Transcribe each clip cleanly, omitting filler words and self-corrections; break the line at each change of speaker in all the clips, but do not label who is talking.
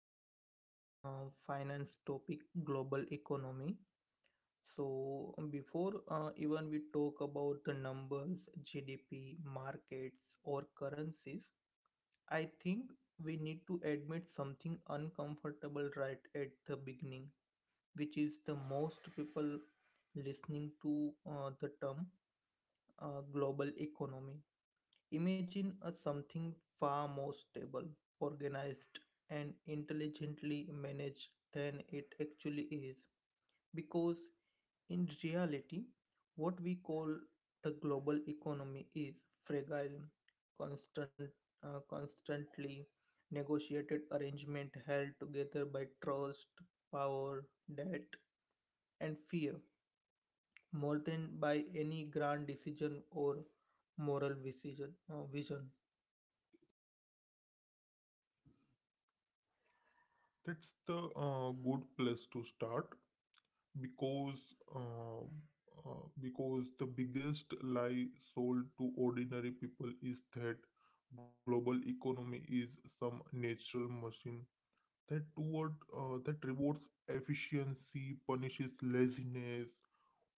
on the finance topic global economy. So before even we talk about the numbers, GDP, markets or currencies, I think we need to admit something uncomfortable right at the beginning, which is the most people listening to the term global economy imagine a something far more stable, organized, and intelligently managed than it actually is. Because in reality, what we call the global economy is fragile, constant, constantly negotiated arrangement held together by trust, power, debt, and fear, more than by any grand decision or vision.
That's the good place to start because uh, because the biggest lie sold to ordinary people is that global economy is some natural machine that rewards efficiency, punishes laziness.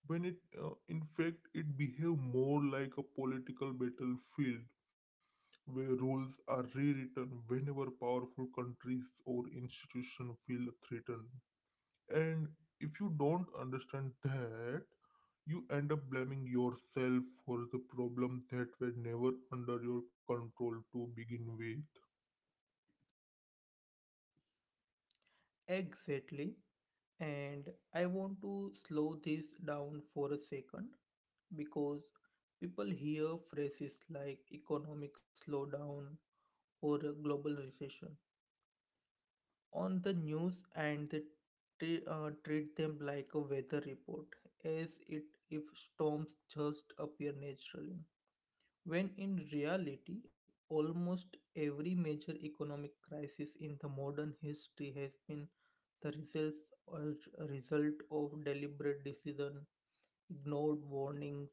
When it, in fact, it behave more like a political battlefield where rules are rewritten whenever powerful countries or institutions feel threatened. And if you don't understand that, you end up blaming yourself for the problem that were never under your control to begin with.
Exactly. And I want to slow this down for a second because people hear phrases like economic slowdown or a global recession on the news and they treat them like a weather report as it if storms just appear naturally. When in reality, almost every major economic crisis in the modern history has been the or result of deliberate decision, ignored warnings,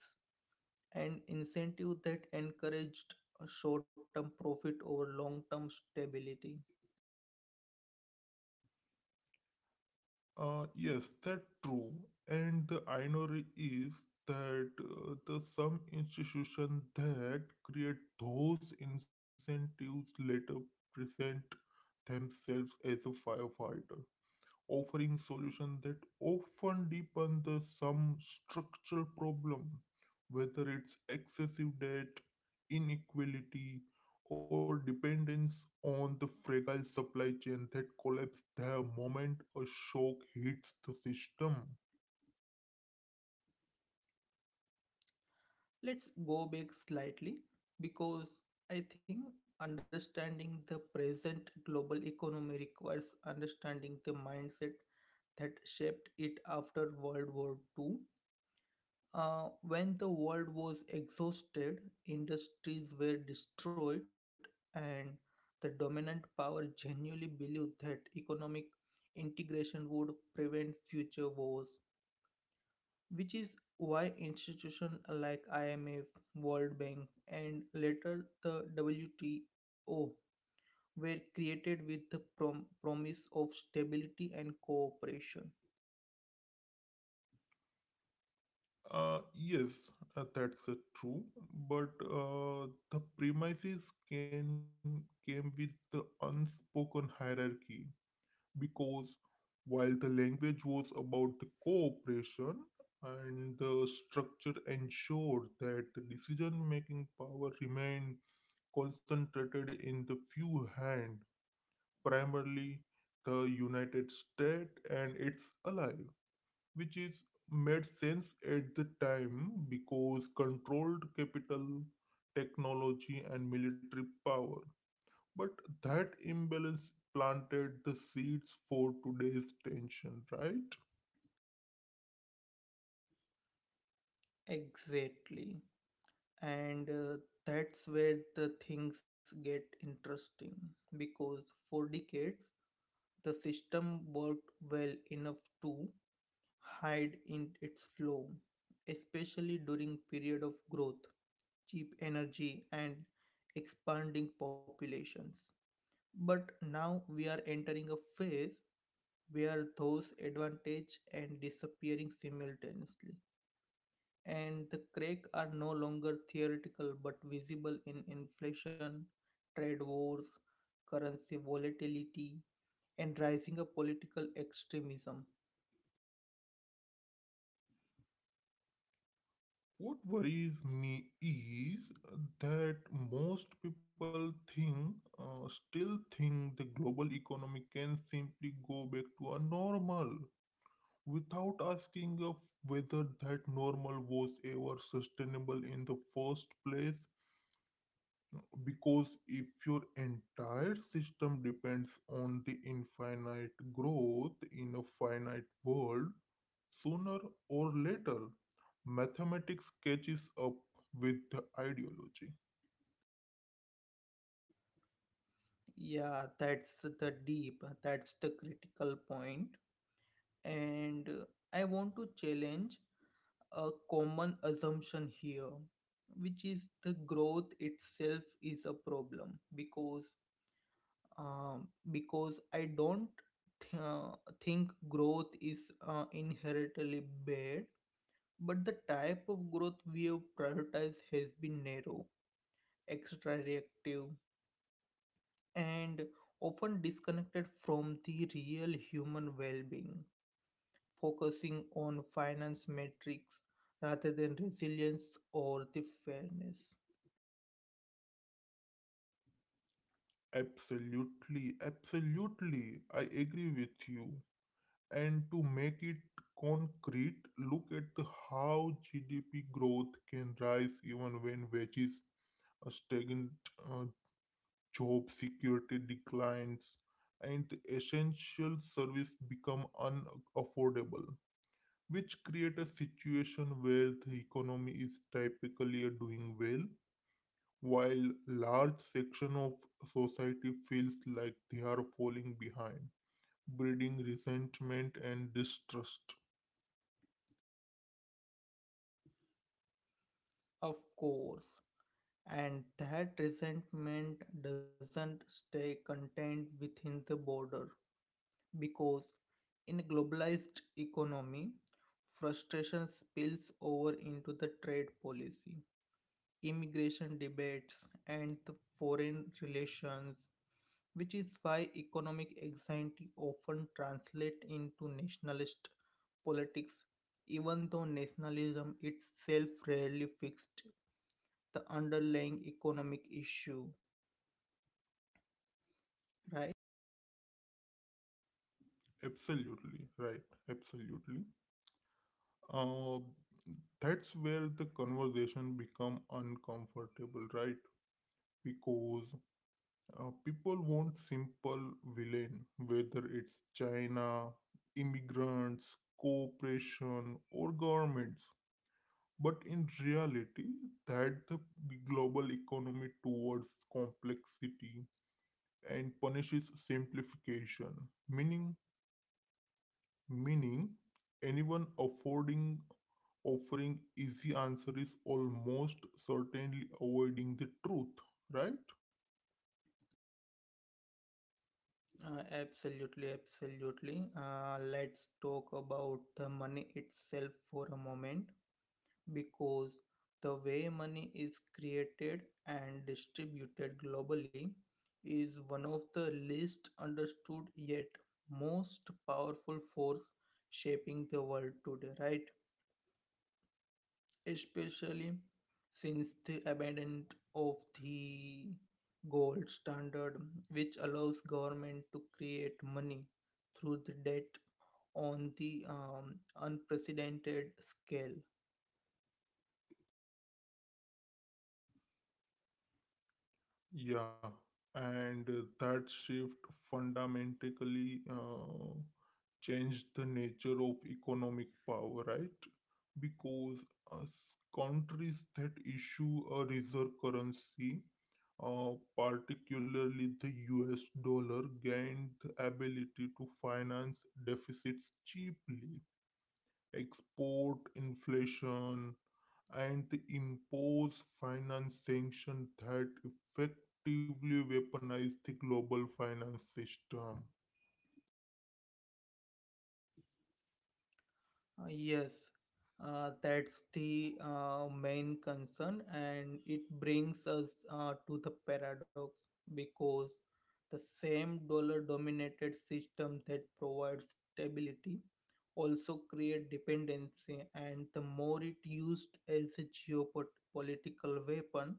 and incentive that encouraged a short-term profit over long-term stability.
Yes, that's true. And the irony is that the some institutions that create those incentives later present themselves as a firefighter offering solutions that often deepen the some structural problem, whether it's excessive debt, inequality, or dependence on the fragile supply chain that collapse the moment a shock hits the system.
Let's go back slightly because I think understanding the present global economy requires understanding the mindset that shaped it after World War Two. When the world was exhausted, industries were destroyed, and the dominant power genuinely believed that economic integration would prevent future wars, which is why institutions like IMF, World Bank, and later the WTO were created with the promise of stability and cooperation.
Yes, that's true, but the premises can came with the unspoken hierarchy because while the language was about the cooperation and the structure ensured that the decision making power remained concentrated in the few hands, primarily the United States and its ally, which is made sense at the time because controlled capital, technology and military power, but that imbalance planted the seeds for today's tension, right?
Exactly. And that's where the things get interesting because for decades the system worked well enough to hide in its flaw, especially during period of growth, cheap energy, and expanding populations. But now we are entering a phase where those advantages and disappearing simultaneously, and the crack are no longer theoretical but visible in inflation, trade wars, currency volatility, and rising of political extremism.
What worries me is that most people still think, the global economy can simply go back to a normal without asking of whether that normal was ever sustainable in the first place. Because if your entire system depends on the infinite growth in a finite world, sooner or later, mathematics catches up with the ideology.
Yeah, that's the deep that's the critical point. And I want to challenge a common assumption here, which is the growth itself is a problem because I don't th- uh, think growth is inherently bad, but the type of growth we have prioritized has been narrow, extra reactive, and often disconnected from the real human well-being, focusing on finance metrics rather than resilience or the fairness.
Absolutely, absolutely, I agree with you. And to make it concrete, look at the how GDP growth can rise even when wages are stagnant. Uh, Job security declines, and essential services become unaffordable, which create a situation where the economy is typically doing well, while large section of society feels like they are falling behind, breeding resentment and distrust.
Of course, and that resentment doesn't stay contained within the border because in a globalized economy, frustration spills over into the trade policy, immigration debates, and the foreign relations, which is why economic anxiety often translates into nationalist politics, even though nationalism itself rarely fixed the underlying economic issue, right?
Absolutely right. Absolutely. Uh, that's where the conversation become uncomfortable, right? Because people want simple villain, whether it's China, immigrants, cooperation, or governments. But in reality, that the global economy towards complexity and punishes simplification, meaning meaning anyone affording offering easy answer is almost certainly avoiding the truth, right?
Absolutely, absolutely. Let's talk about the money itself for a moment because the way money is created and distributed globally is one of the least understood yet most powerful force shaping the world today, right? Especially since the abandonment of the gold standard, which allows government to create money through the debt on the unprecedented scale.
Yeah, and that shift fundamentally changed the nature of economic power, right? Because uh, s- countries that issue a reserve currency, uh, particularly the US dollar, gained the ability to finance deficits cheaply, export inflation, and the impose finance sanctions that effectively weaponize the global finance system.
Uh, yes, that's the main concern, and it brings us to the paradox because the same dollar dominated system that provides stability also create dependency, and the more it used as a geopolitical weapon,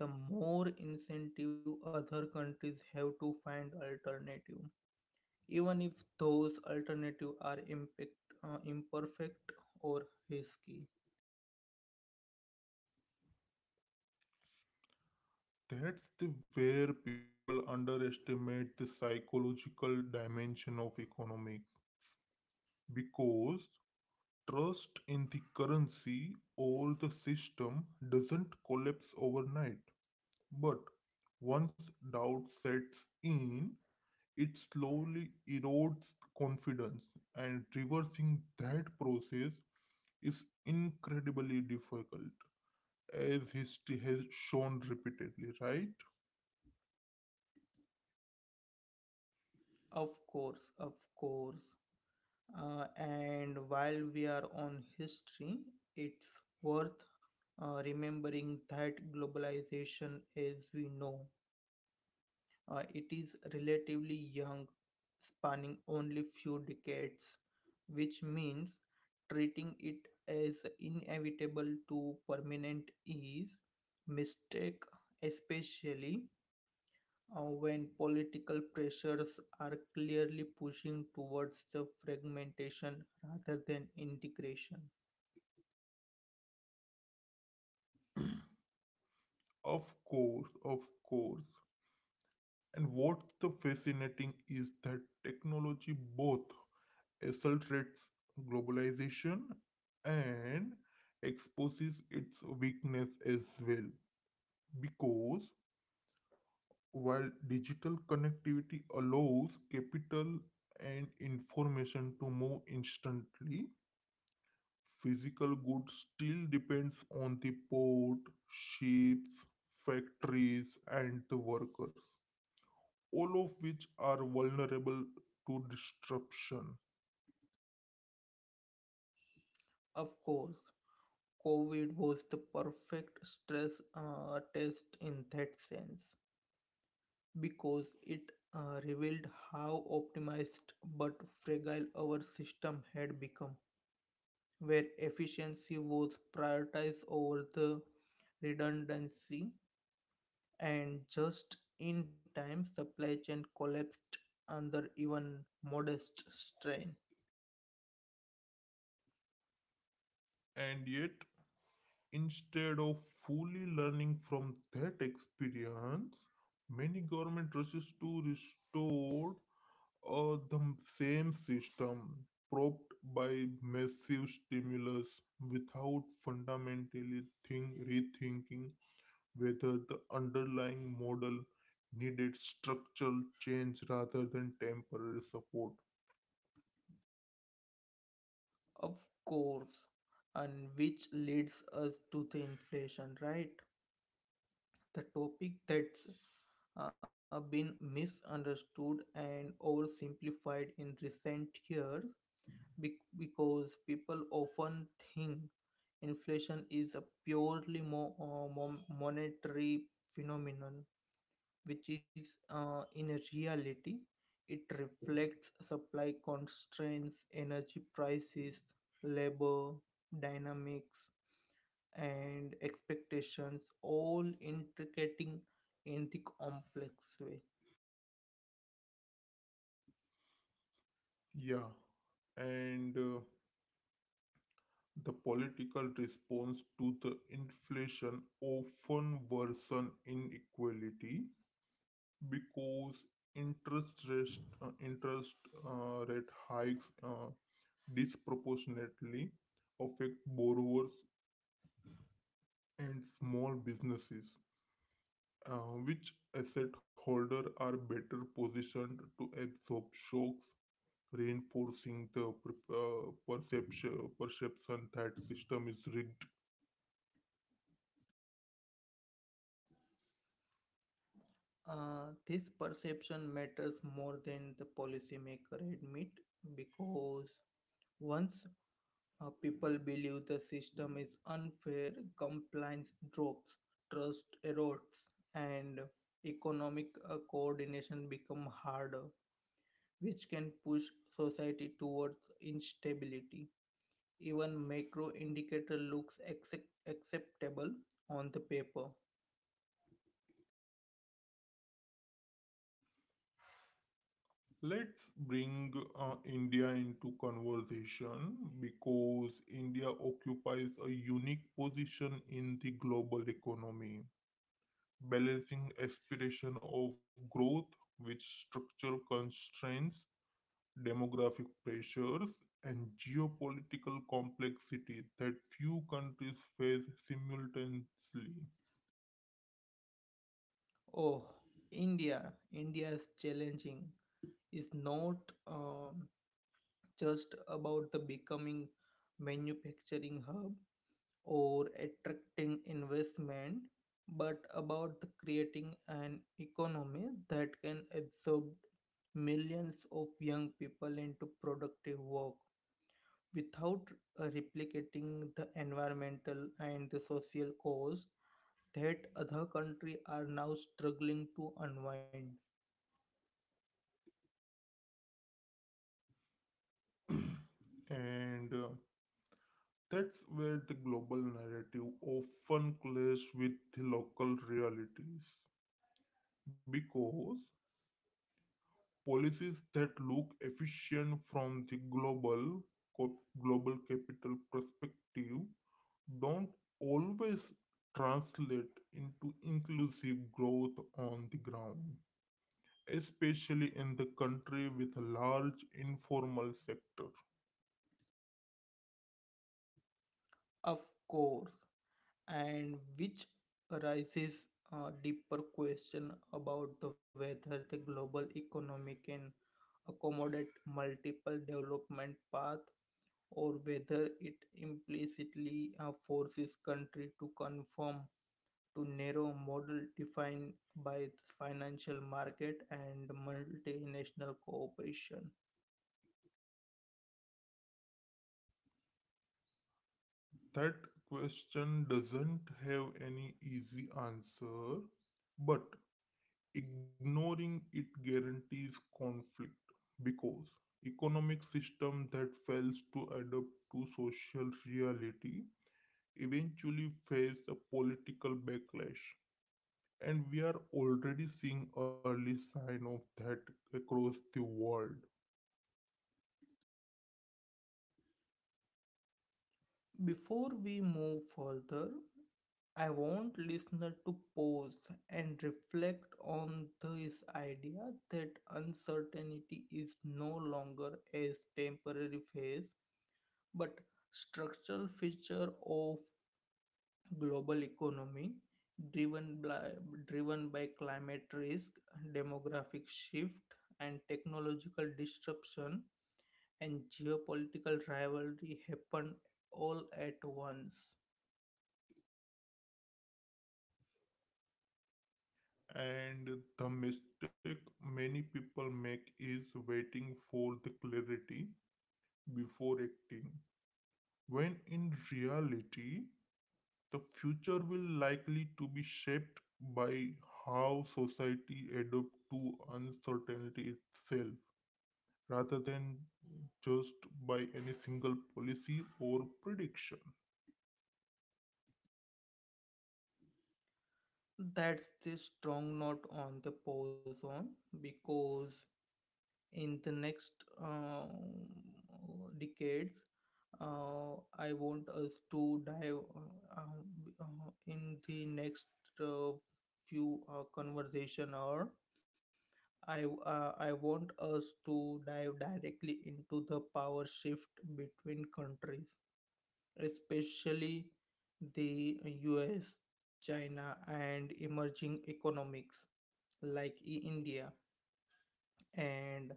the more incentive other countries have to find alternative, even if those alternatives are imperfect or risky.
That's the where people underestimate the psychological dimension of economics because trust in the currency or the system doesn't collapse overnight. But once doubt sets in, it slowly erodes confidence and reversing that process is incredibly difficult as history has shown repeatedly, right?
Of course, of course. And while we are on history, it's worth remembering that globalization as we know, it is relatively young, spanning only few decades, which means treating it as inevitable to permanent is mistake, especially when political pressures are clearly pushing towards the fragmentation rather than integration.
Of course, of course. And what's the fascinating is that technology both accelerates globalization and exposes its weakness as well because while digital connectivity allows capital and information to move instantly, physical goods still depends on the port, ships, factories and the workers, all of which are vulnerable to disruption.
Of course, COVID was the perfect stress test in that sense. Because it revealed how optimized but fragile our system had become, where efficiency was prioritized over the redundancy, and just in time, supply chain collapsed under even modest strain.
And yet, instead of fully learning from that experience, many government rushes to restore or the same system propped by massive stimulus without fundamentally rethinking whether the underlying model needed structural change rather than temporary support.
Of course, and which leads us to the inflation, right? The topic that's been misunderstood and oversimplified in recent years because people often think inflation is a purely monetary phenomenon, which is in reality it reflects supply constraints, energy prices, labor dynamics, and expectations, all intricating in the complex way.
Yeah, and the political response to the inflation often worsen inequality because interest rate hikes disproportionately affect borrowers and small businesses, which asset holder are better positioned to absorb shocks, reinforcing the perception that system is rigged.
This perception matters more than the policymaker admit because once people believe the system is unfair, compliance drops, trust erodes, and economic coordination become harder, which can push society towards instability. Even macro indicator looks acceptable on the paper.
Let's bring India into conversation because India occupies a unique position in the global economy, balancing aspiration of growth with structural constraints, demographic pressures, and geopolitical complexity that few countries face simultaneously.
Oh, India, India is challenging. It's not um, just about the becoming manufacturing hub or attracting investment, but about the creating an economy that can absorb millions of young people into productive work. Without replicating the environmental and the social cause that other countries are now struggling to unwind.
and That's where the global narrative often clashes with the local realities because policies that look efficient from the co- global capital perspective don't always translate into inclusive growth on the ground, especially in the country with a large informal sector.
Of course, and which arises a deeper question about the whether the global economy can accommodate multiple development paths, or whether it implicitly forces country to conform to narrow model defined by the financial market and multinational cooperation.
That question doesn't have any easy answer, but ignoring it guarantees conflict because economic system that fails to adapt to social reality eventually face a political backlash, and we are already seeing early sign of that across the world.
Before we move further, I want listener to pause and reflect on this idea that uncertainty is no longer a temporary phase but structural feature of global economy driven by, driven by climate risk, demographic shift, and technological disruption, and geopolitical rivalry happen all at once.
And the mistake many people make is waiting for the clarity before acting, when in reality the future will likely to be shaped by how society adapts to uncertainty itself rather than just by any single policy or prediction.
That's the strong note on the pause on because in the next uh, decades I want us to dive in the next uh, few conversation or I want us to dive directly into the power shift between countries, especially the US, China, and emerging economics like India, and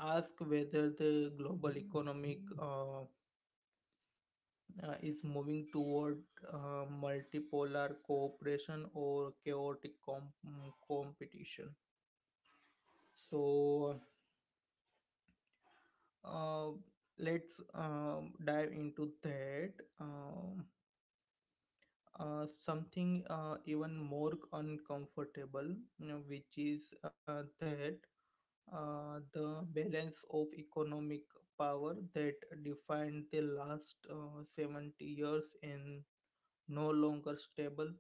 ask whether the global economic is moving toward multipolar cooperation or chaotic competition. So uh, let's dive into that, um, something even more uncomfortable, which is that the balance of economic power that defined the last 70 years in no longer stable,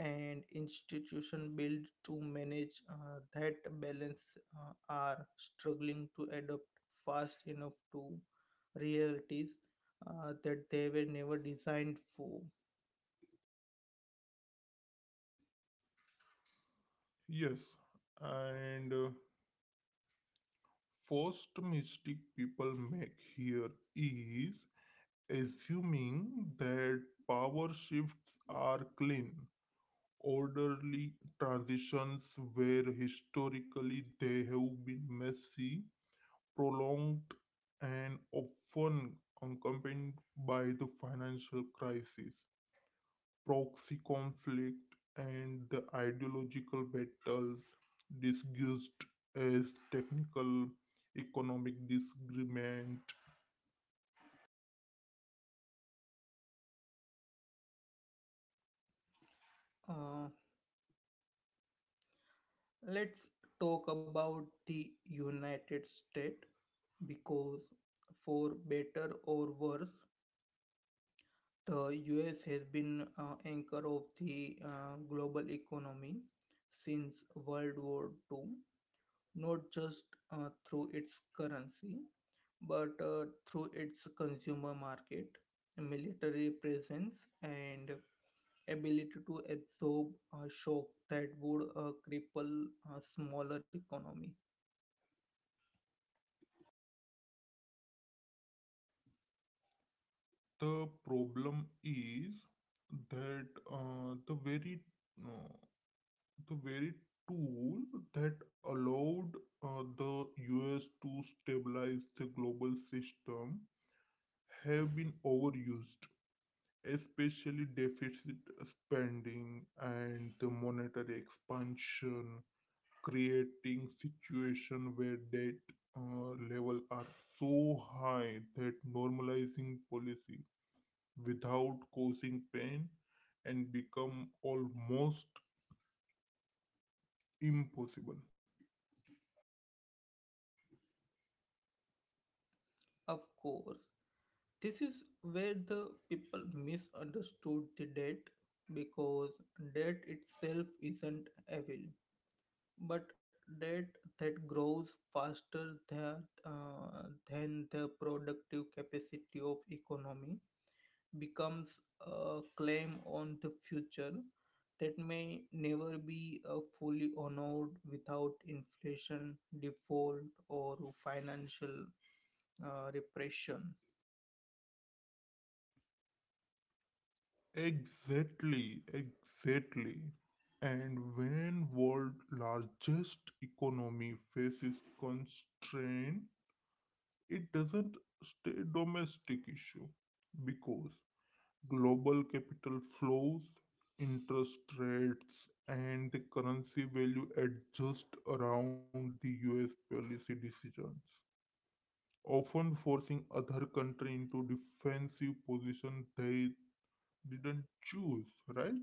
and institution built to manage that balance are struggling to adapt fast enough to realities that they were never designed for.
Yes, and first mistake people make here is assuming that power shifts are clean orderly transitions where historically they have been messy, prolonged, and often accompanied by the financial crisis, proxy conflict, and the ideological battles disguised as technical economic disagreement.
Uh, let's talk about the United States because, for better or worse, the US has been anchor of the global economy since World War II, not just through its currency, but through its consumer market, military presence, and ability to absorb a shock that would cripple a smaller economy.
The problem is that uh, the very uh, the very tool that allowed the US to stabilize the global system have been overused, especially deficit spending and the monetary expansion, creating situation where debt level are so high that normalizing policy without causing pain and become almost impossible.
Of course, this is where the people misunderstood the debt because debt itself isn't evil, but debt that grows faster than the productive capacity of economy becomes a claim on the future that may never be fully honored without inflation, default, or financial repression.
Exactly, exactly. And when world largest economy faces constraint, it doesn't stay domestic issue because global capital flows, interest rates and the currency value adjust around the US policy decisions, often forcing other country into defensive position they didn't choose, right?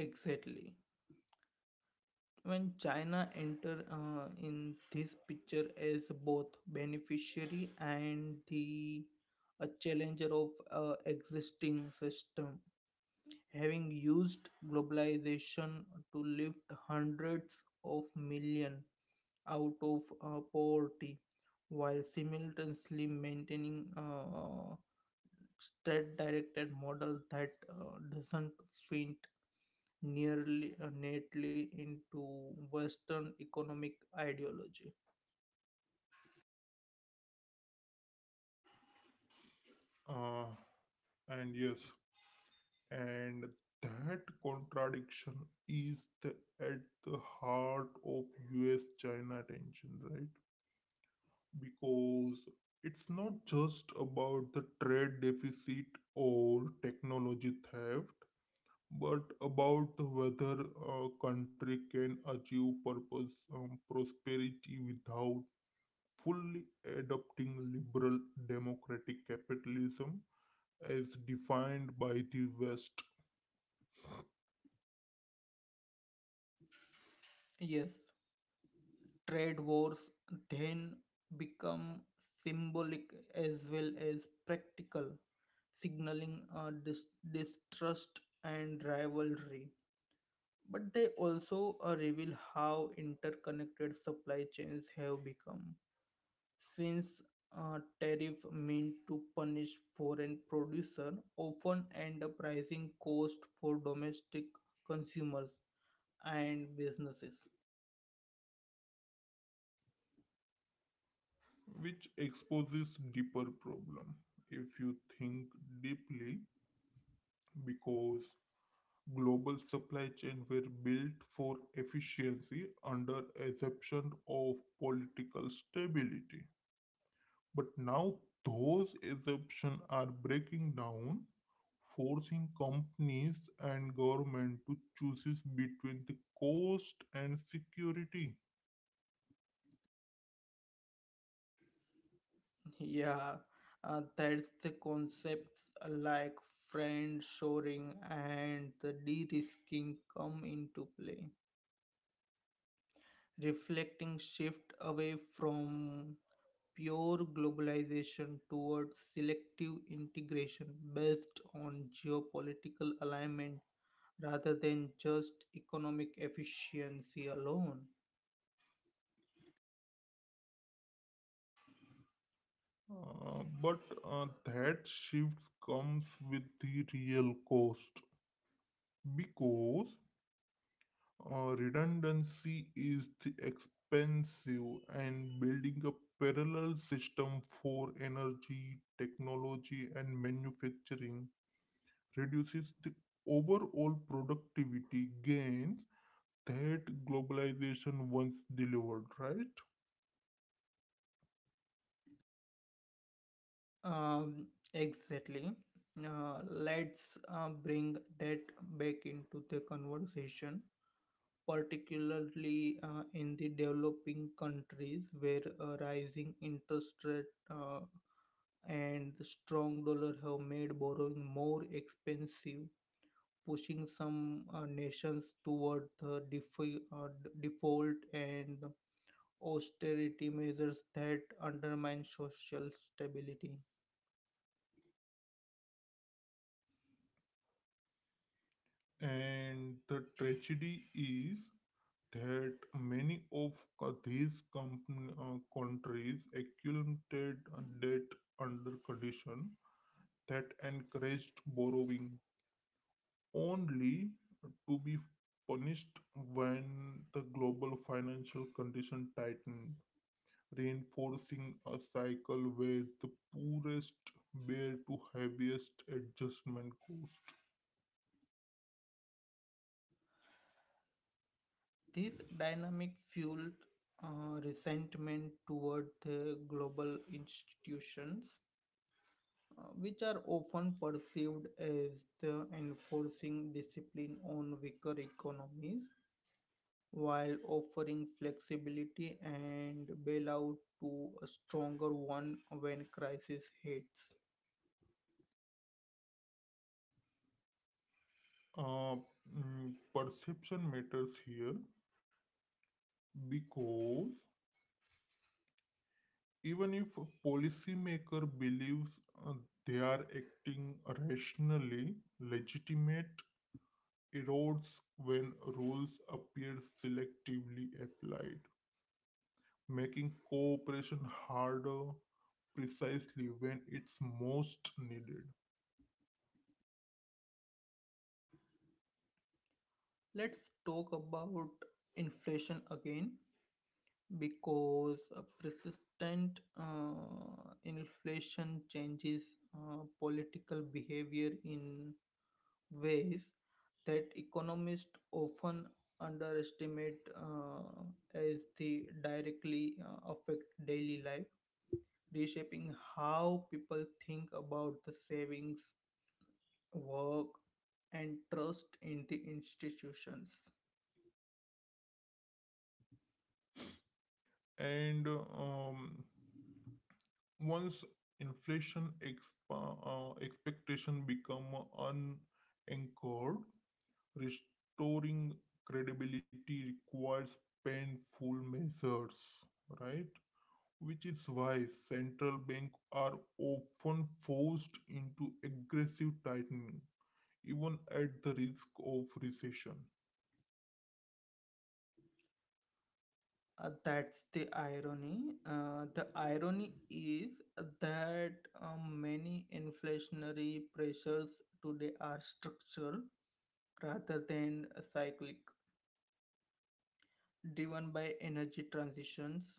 Exactly. When China enter in this picture as both beneficiary and the a challenger of existing system, having used globalization to lift hundreds of millions out of poverty while simultaneously maintaining state-directed model that doesn't fit nearly neatly into western economic ideology.
Uh, and yes, and that contradiction is at the heart of US China tension, right? Because it's not just about the trade deficit or technology theft, but about whether a country can achieve purpose prosperity without fully adopting liberal democratic capitalism as defined by the West.
Yes, trade wars then become symbolic as well as practical, signaling distrust and rivalry. But they also reveal how interconnected supply chains have become. Since tariff meant to punish foreign producer often end up rising cost for domestic consumers and businesses.
Which exposes deeper problem if you think deeply because global supply chain were built for efficiency under assumption of political stability, but now those assumptions are breaking down, forcing companies and government to choose between the cost and security.
Yeah, that's the concepts like friend shoring and the de-risking come into play, reflecting shift away from pure globalization towards selective integration based on geopolitical alignment rather than just economic efficiency alone.
But that shift comes with the real cost because redundancy is the expensive and building a parallel system for energy, technology, and manufacturing reduces the overall productivity gains that globalization once delivered, right?
Um, exactly. Let's bring that back into the conversation, particularly in the developing countries where rising interest rate and the strong dollar have made borrowing more expensive, pushing some nations toward the default and austerity measures that undermine social stability.
And the tragedy is that many of these countries accumulated debt under condition that encouraged borrowing, only to be punished when the global financial condition tightened, reinforcing a cycle where the poorest bear to heaviest adjustment cost.
This dynamic fueled resentment toward the global institutions, which are often perceived as the enforcing discipline on weaker economies while offering flexibility and bailout to a stronger one when crisis hits.
Uh, Perception matters here because even if a policymaker believes uh, they are acting rationally, legitimate erodes when rules appear selectively applied, making cooperation harder precisely when it's most needed.
Let's talk about inflation again because a persistent inflation changes political behavior in ways that economists often underestimate as they directly affect daily life, reshaping how people think about the savings, work, and trust in the institutions.
And once inflation expectation become unanchored, restoring credibility requires painful measures, right? Which is why central banks are often forced into aggressive tightening, even at the risk of recession.
That's the irony. The irony is that many inflationary pressures today are structural rather than cyclic, driven by energy transitions,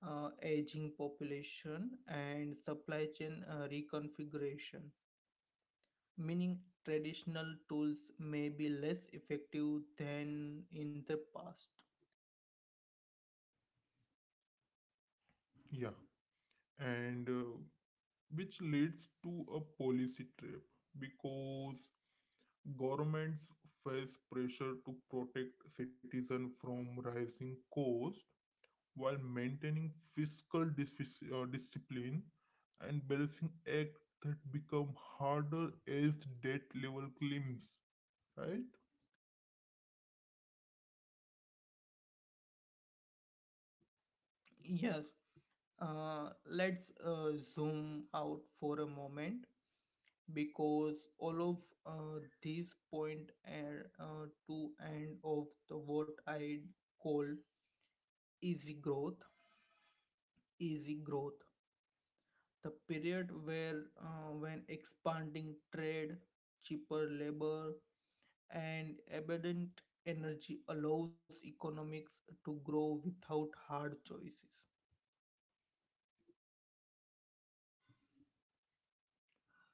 aging population, and supply chain reconfiguration. Meaning, traditional tools may be less effective than in the past.
Yeah, and which leads to a policy trap because governments face pressure to protect citizens from rising costs while maintaining discipline and balancing act that become harder as debt level climbs, right?
Yes, let's zoom out for a moment because all of these point and to end of the what I call easy growth. Easy growth, the period where when expanding trade, cheaper labor, and abundant energy allows economics to grow without hard choices.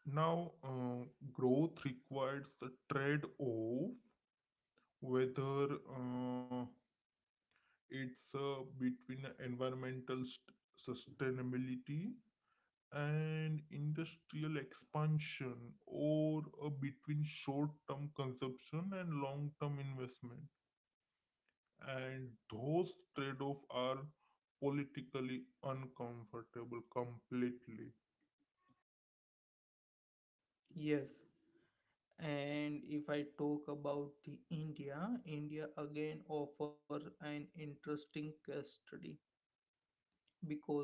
Now growth requires the trade-off, whether it's between sustainability and industrial expansion or between short-term consumption and long-term investment, and those trade-offs are politically uncomfortable completely.
Yes, and if I talk about the India, India again offer an interesting case study because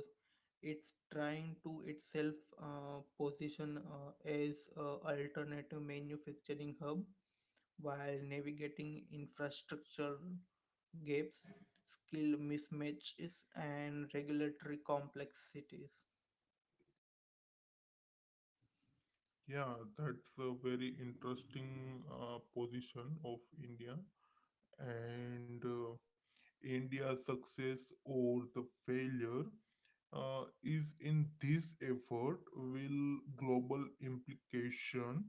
it's trying to itself position as a alternative manufacturing hub while navigating infrastructure gaps, skill mismatches, and regulatory complexities.
Yeah, that's a very interesting position of India, and India's success or the failure is in this effort will global implication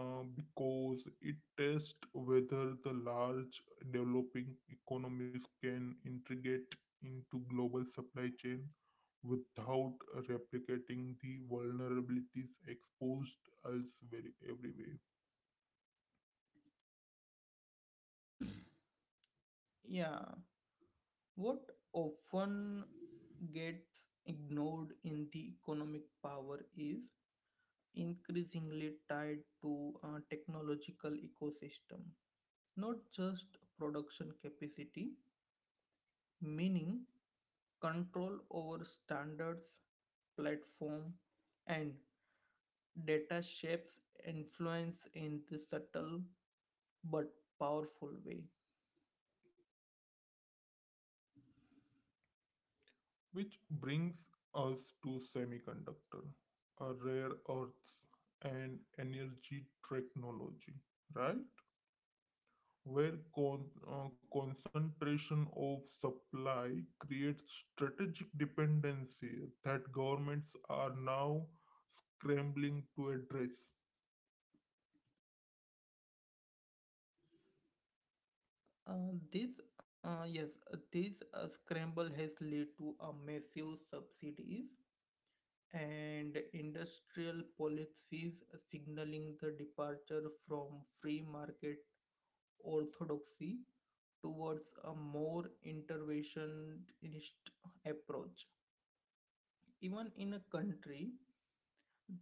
because it tests whether the large developing economies can integrate into global supply chain without replicating the vulnerabilities exposed elsewhere everywhere.
Yeah, what often gets ignored in the economic power is increasingly tied to a technological ecosystem, not just production capacity, meaning control over standards, platform, and data shapes influence in the subtle but powerful way.
Which brings us to semiconductor, rare earths, and energy technology, right? Where concentration of supply creates strategic dependency that governments are now scrambling to address.
This yes, this Scramble has led to a massive subsidies and industrial policies signaling the departure from free market orthodoxy towards a more interventionist approach, even in a country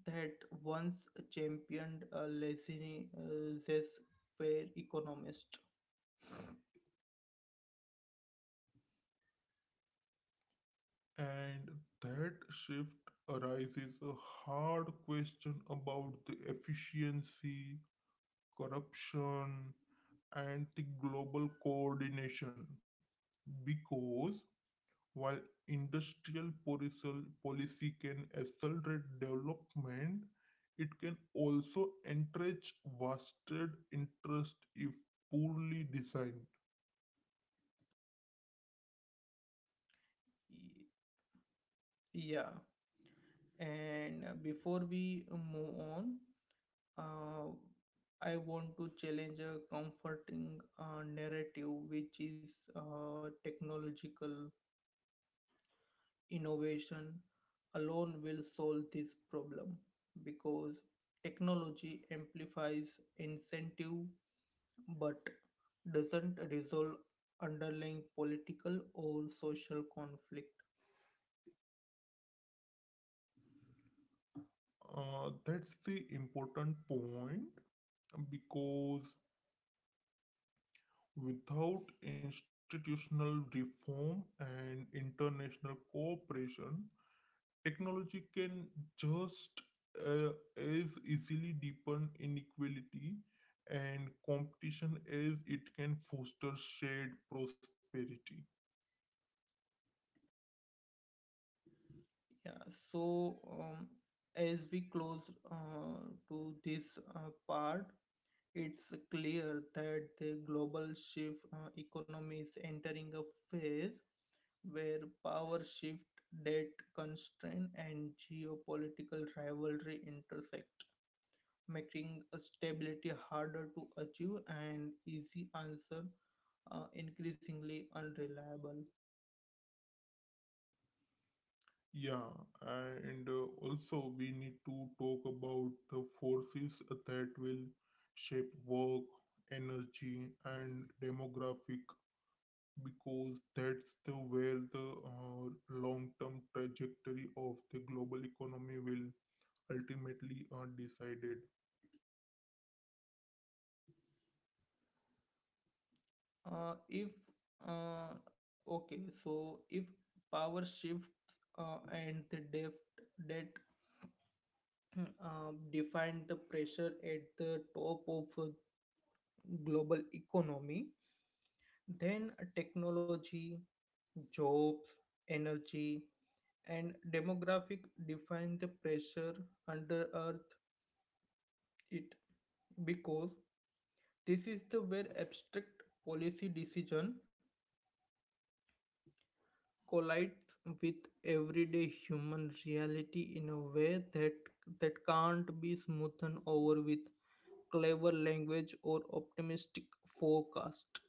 that once championed a laissez-faire economist.
And that shift arises a hard question about the efficiency, corruption, and the global coordination because while industrial policy can accelerate development, it can also encourage vested interest if poorly designed.
Y- Yeah, and before we move on, uh, I want to challenge a comforting narrative, which is technological innovation alone will solve this problem, because technology amplifies incentive but doesn't resolve underlying political or social conflict.
That's the important point because without institutional reform and international cooperation, technology can just uh, as easily deepen inequality and competition as it can foster shared prosperity.
Yeah, so as we close uh, to this part, it's clear that the global shift economy is entering a phase where power shift, debt constraint, and geopolitical rivalry intersect, making stability harder to achieve and easy answer increasingly unreliable.
Yeah, and also we need to talk about the forces that will shape work, energy, and demographic because that's the where the long-term trajectory of the global economy will ultimately are decided.
If uh, okay, so if power shifts and the depth that define the pressure at the top of global economy, then technology, jobs, energy, and demographic define the pressure under Earth. It, because this is the where abstract policy decision collides with everyday human reality in a way that can't be smoothed over with clever language or optimistic forecast.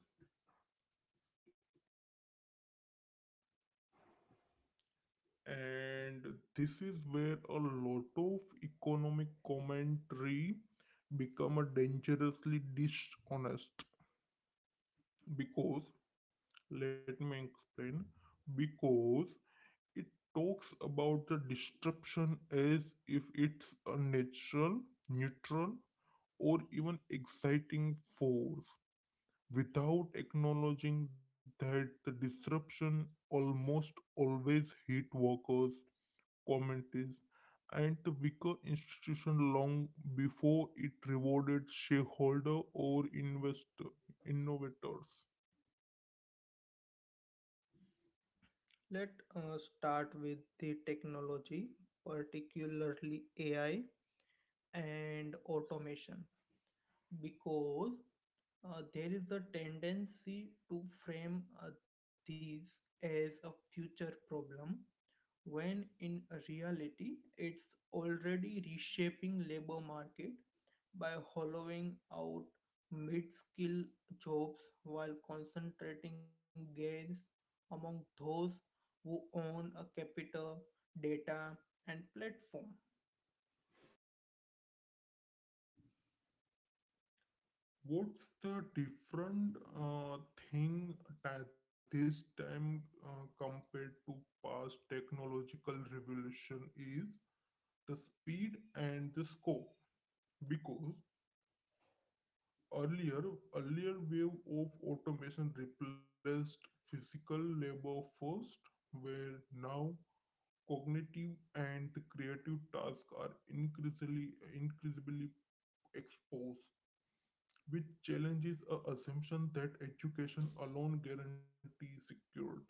And this is where a lot of economic commentary become a dangerously dishonest because let me explain, because it talks about the disruption as if it's a natural, neutral, or even exciting force without acknowledging that the disruption almost always hit workers, communities, and the weaker institution long before it rewarded shareholder or investor innovators.
Let us start with the technology, particularly AI and automation, because there is a tendency to frame these as a future problem when in reality it's already reshaping labor market by hollowing out mid-skill jobs while concentrating gains among those who own a capital, data, and platform.
What's the different thing that this time compared to past technological revolution is the speed and the scope. Because earlier, earlier wave of automation replaced physical labor first, where now cognitive and creative tasks are increasingly exposed, which challenges a assumption that education alone guarantees security.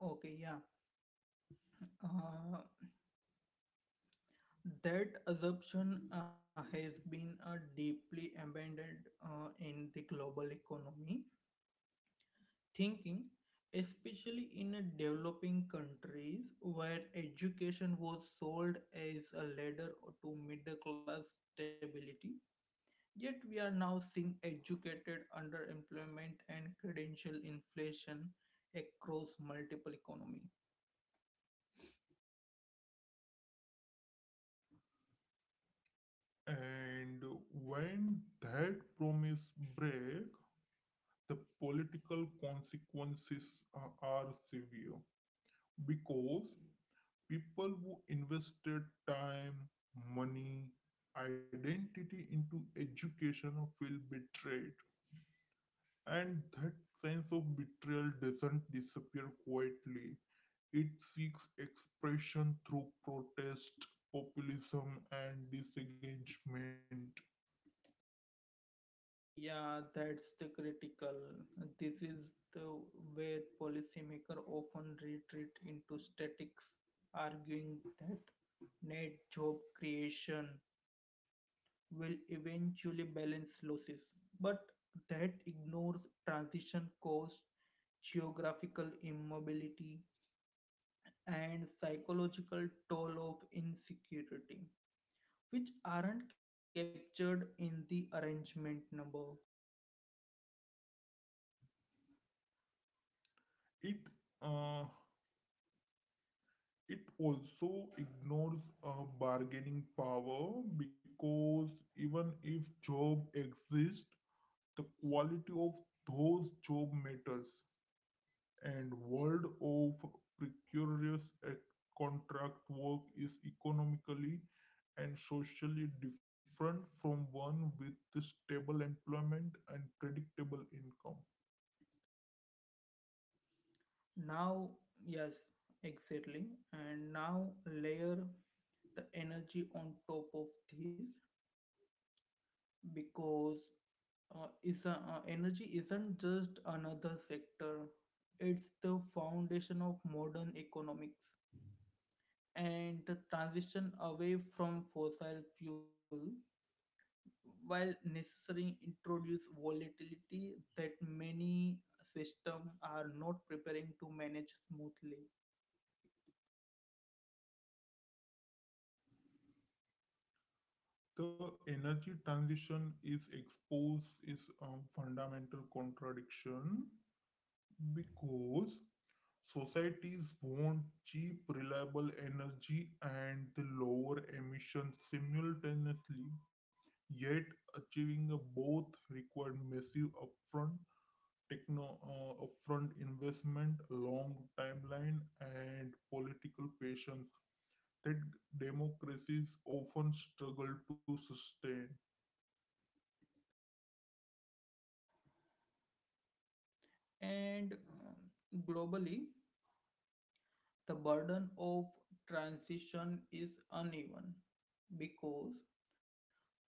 Okay, yeah. Uh, That assumption has been deeply embedded in the global economy thinking, especially in developing countries where education was sold as a ladder to middle class stability. Yet we are now seeing educated underemployment and credential inflation across multiple economies.
And when that promise break, the political consequences are severe because people who invested time, money, identity into education feel betrayed. And that sense of betrayal doesn't disappear quietly. It seeks expression through protest, populism, and disengagement.
Yeah, that's the critical. This is the where policymakers often retreat into statics, arguing that net job creation will eventually balance losses. But that ignores transition costs, geographical immobility, and psychological toll of insecurity, which aren't captured in the arrangement number.
It uh, it also ignores bargaining power because even if job exists, the quality of those job matters. And world of precarious contract work is economically and socially different from one with the stable employment and predictable income.
Now, yes, exactly. And now layer the energy on top of this, because energy isn't just another sector. It's the foundation of modern economics, and the transition away from fossil fuel, while necessary, introduce volatility that many systems are not preparing to manage smoothly.
The energy transition is exposed is a fundamental contradiction because societies want cheap, reliable energy and the lower emissions simultaneously, yet achieving a both required massive upfront investment, long timeline, and political patience that democracies often struggle to sustain.
And globally, the burden of transition is uneven, because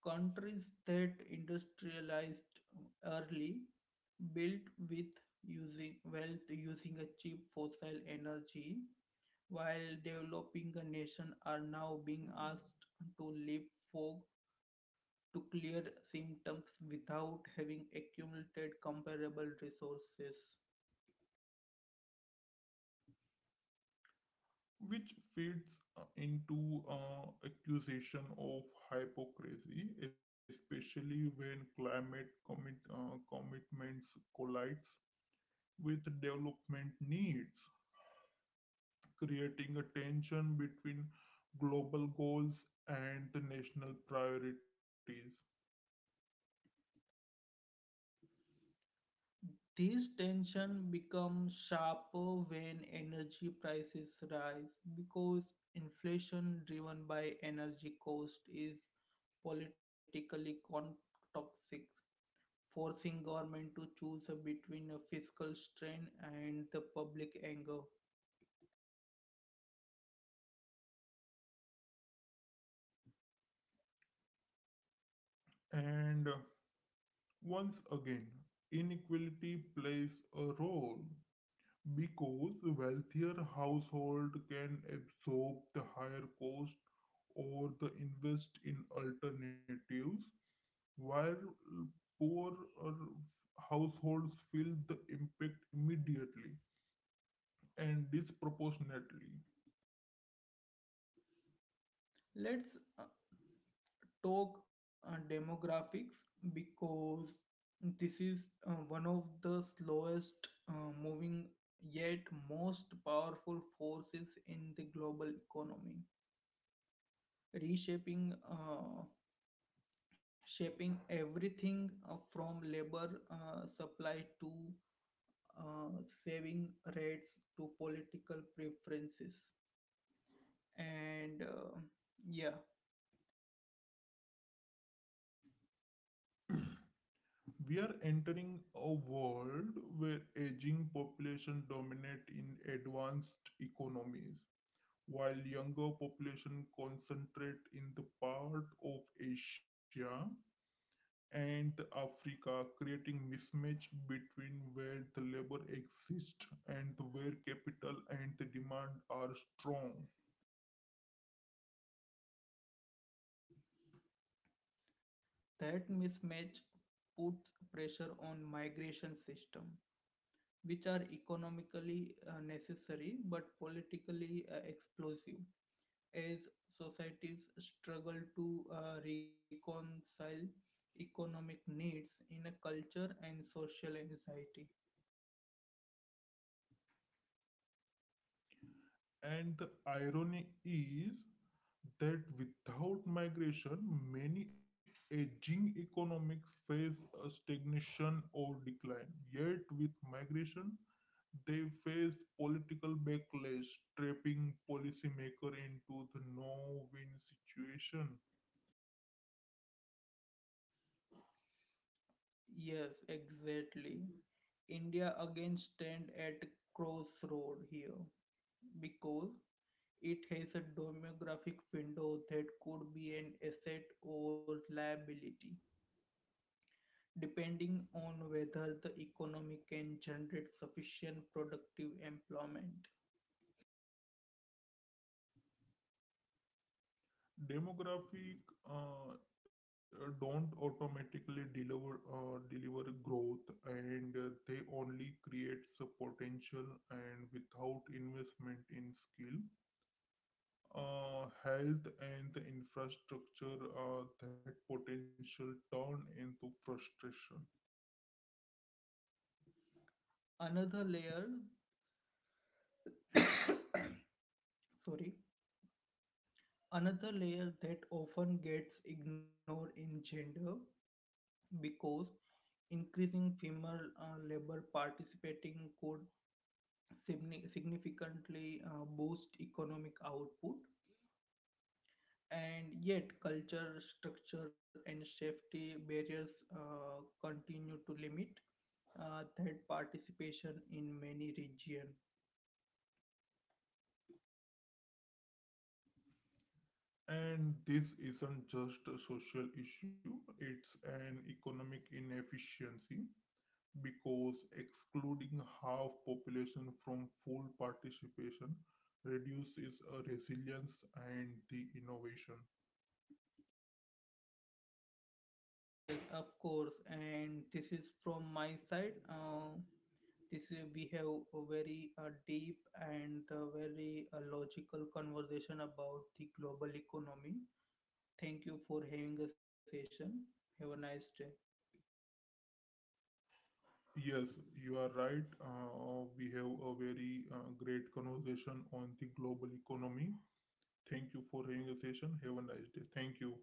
countries that industrialized early built with using wealth using a cheap fossil energy, while developing nations are now being asked to leapfrog to clear symptoms without having accumulated comparable resources.
Which feeds into accusation of hypocrisy, especially when commitments collides with development needs, creating a tension between global goals and the national priorities.
This tension becomes sharper when energy prices rise, because inflation driven by energy cost is politically toxic, forcing government to choose between a fiscal strain and the public anger.
And once again, inequality plays a role. Because wealthier household can absorb the higher cost or the invest in alternatives, while poor uh, households feel the impact immediately and disproportionately.
Let's talk demographics, because this is one of the slowest moving yet most powerful forces in the global economy, reshaping shaping everything from labor supply to uh, saving rates to political preferences and yeah,
We are entering a world where aging population dominate in advanced economies, while younger population concentrate in the part of Asia and Africa, creating mismatch between where the labor exists and where capital and demand are strong.
that mismatch puts pressure on migration system, which are economically necessary but politically explosive, as societies struggle to reconcile economic needs in a culture and social anxiety.
And the irony is that without migration, many aging economics face a stagnation or decline. Yet with migration, they face political backlash, trapping policymakers into the no-win situation.
Yes, exactly. India again stand at crossroad here, because it has a demographic window that could be an asset or liability depending on whether the economy can generate sufficient productive employment.
Demographic don't automatically deliver growth, and they only creates a potential, and without investment in skill, health and the infrastructure, that potential turn into frustration.
Another layer, sorry, another layer that often gets ignored in gender, because increasing female labor participating could significantly boost economic output, and yet culture, structure, and safety barriers continue to limit that participation in many regions.
And this isn't just a social issue, it's an economic inefficiency because excluding half population from full participation reduces resilience and the innovation.
Yes, of course, and this is from my side. This we have a very deep and very logical conversation about the global economy. Thank you for having a session. Have a nice day.
Yes, you are right, we have a very great conversation on the global economy. Thank you for having a session. Have a nice day. Thank you.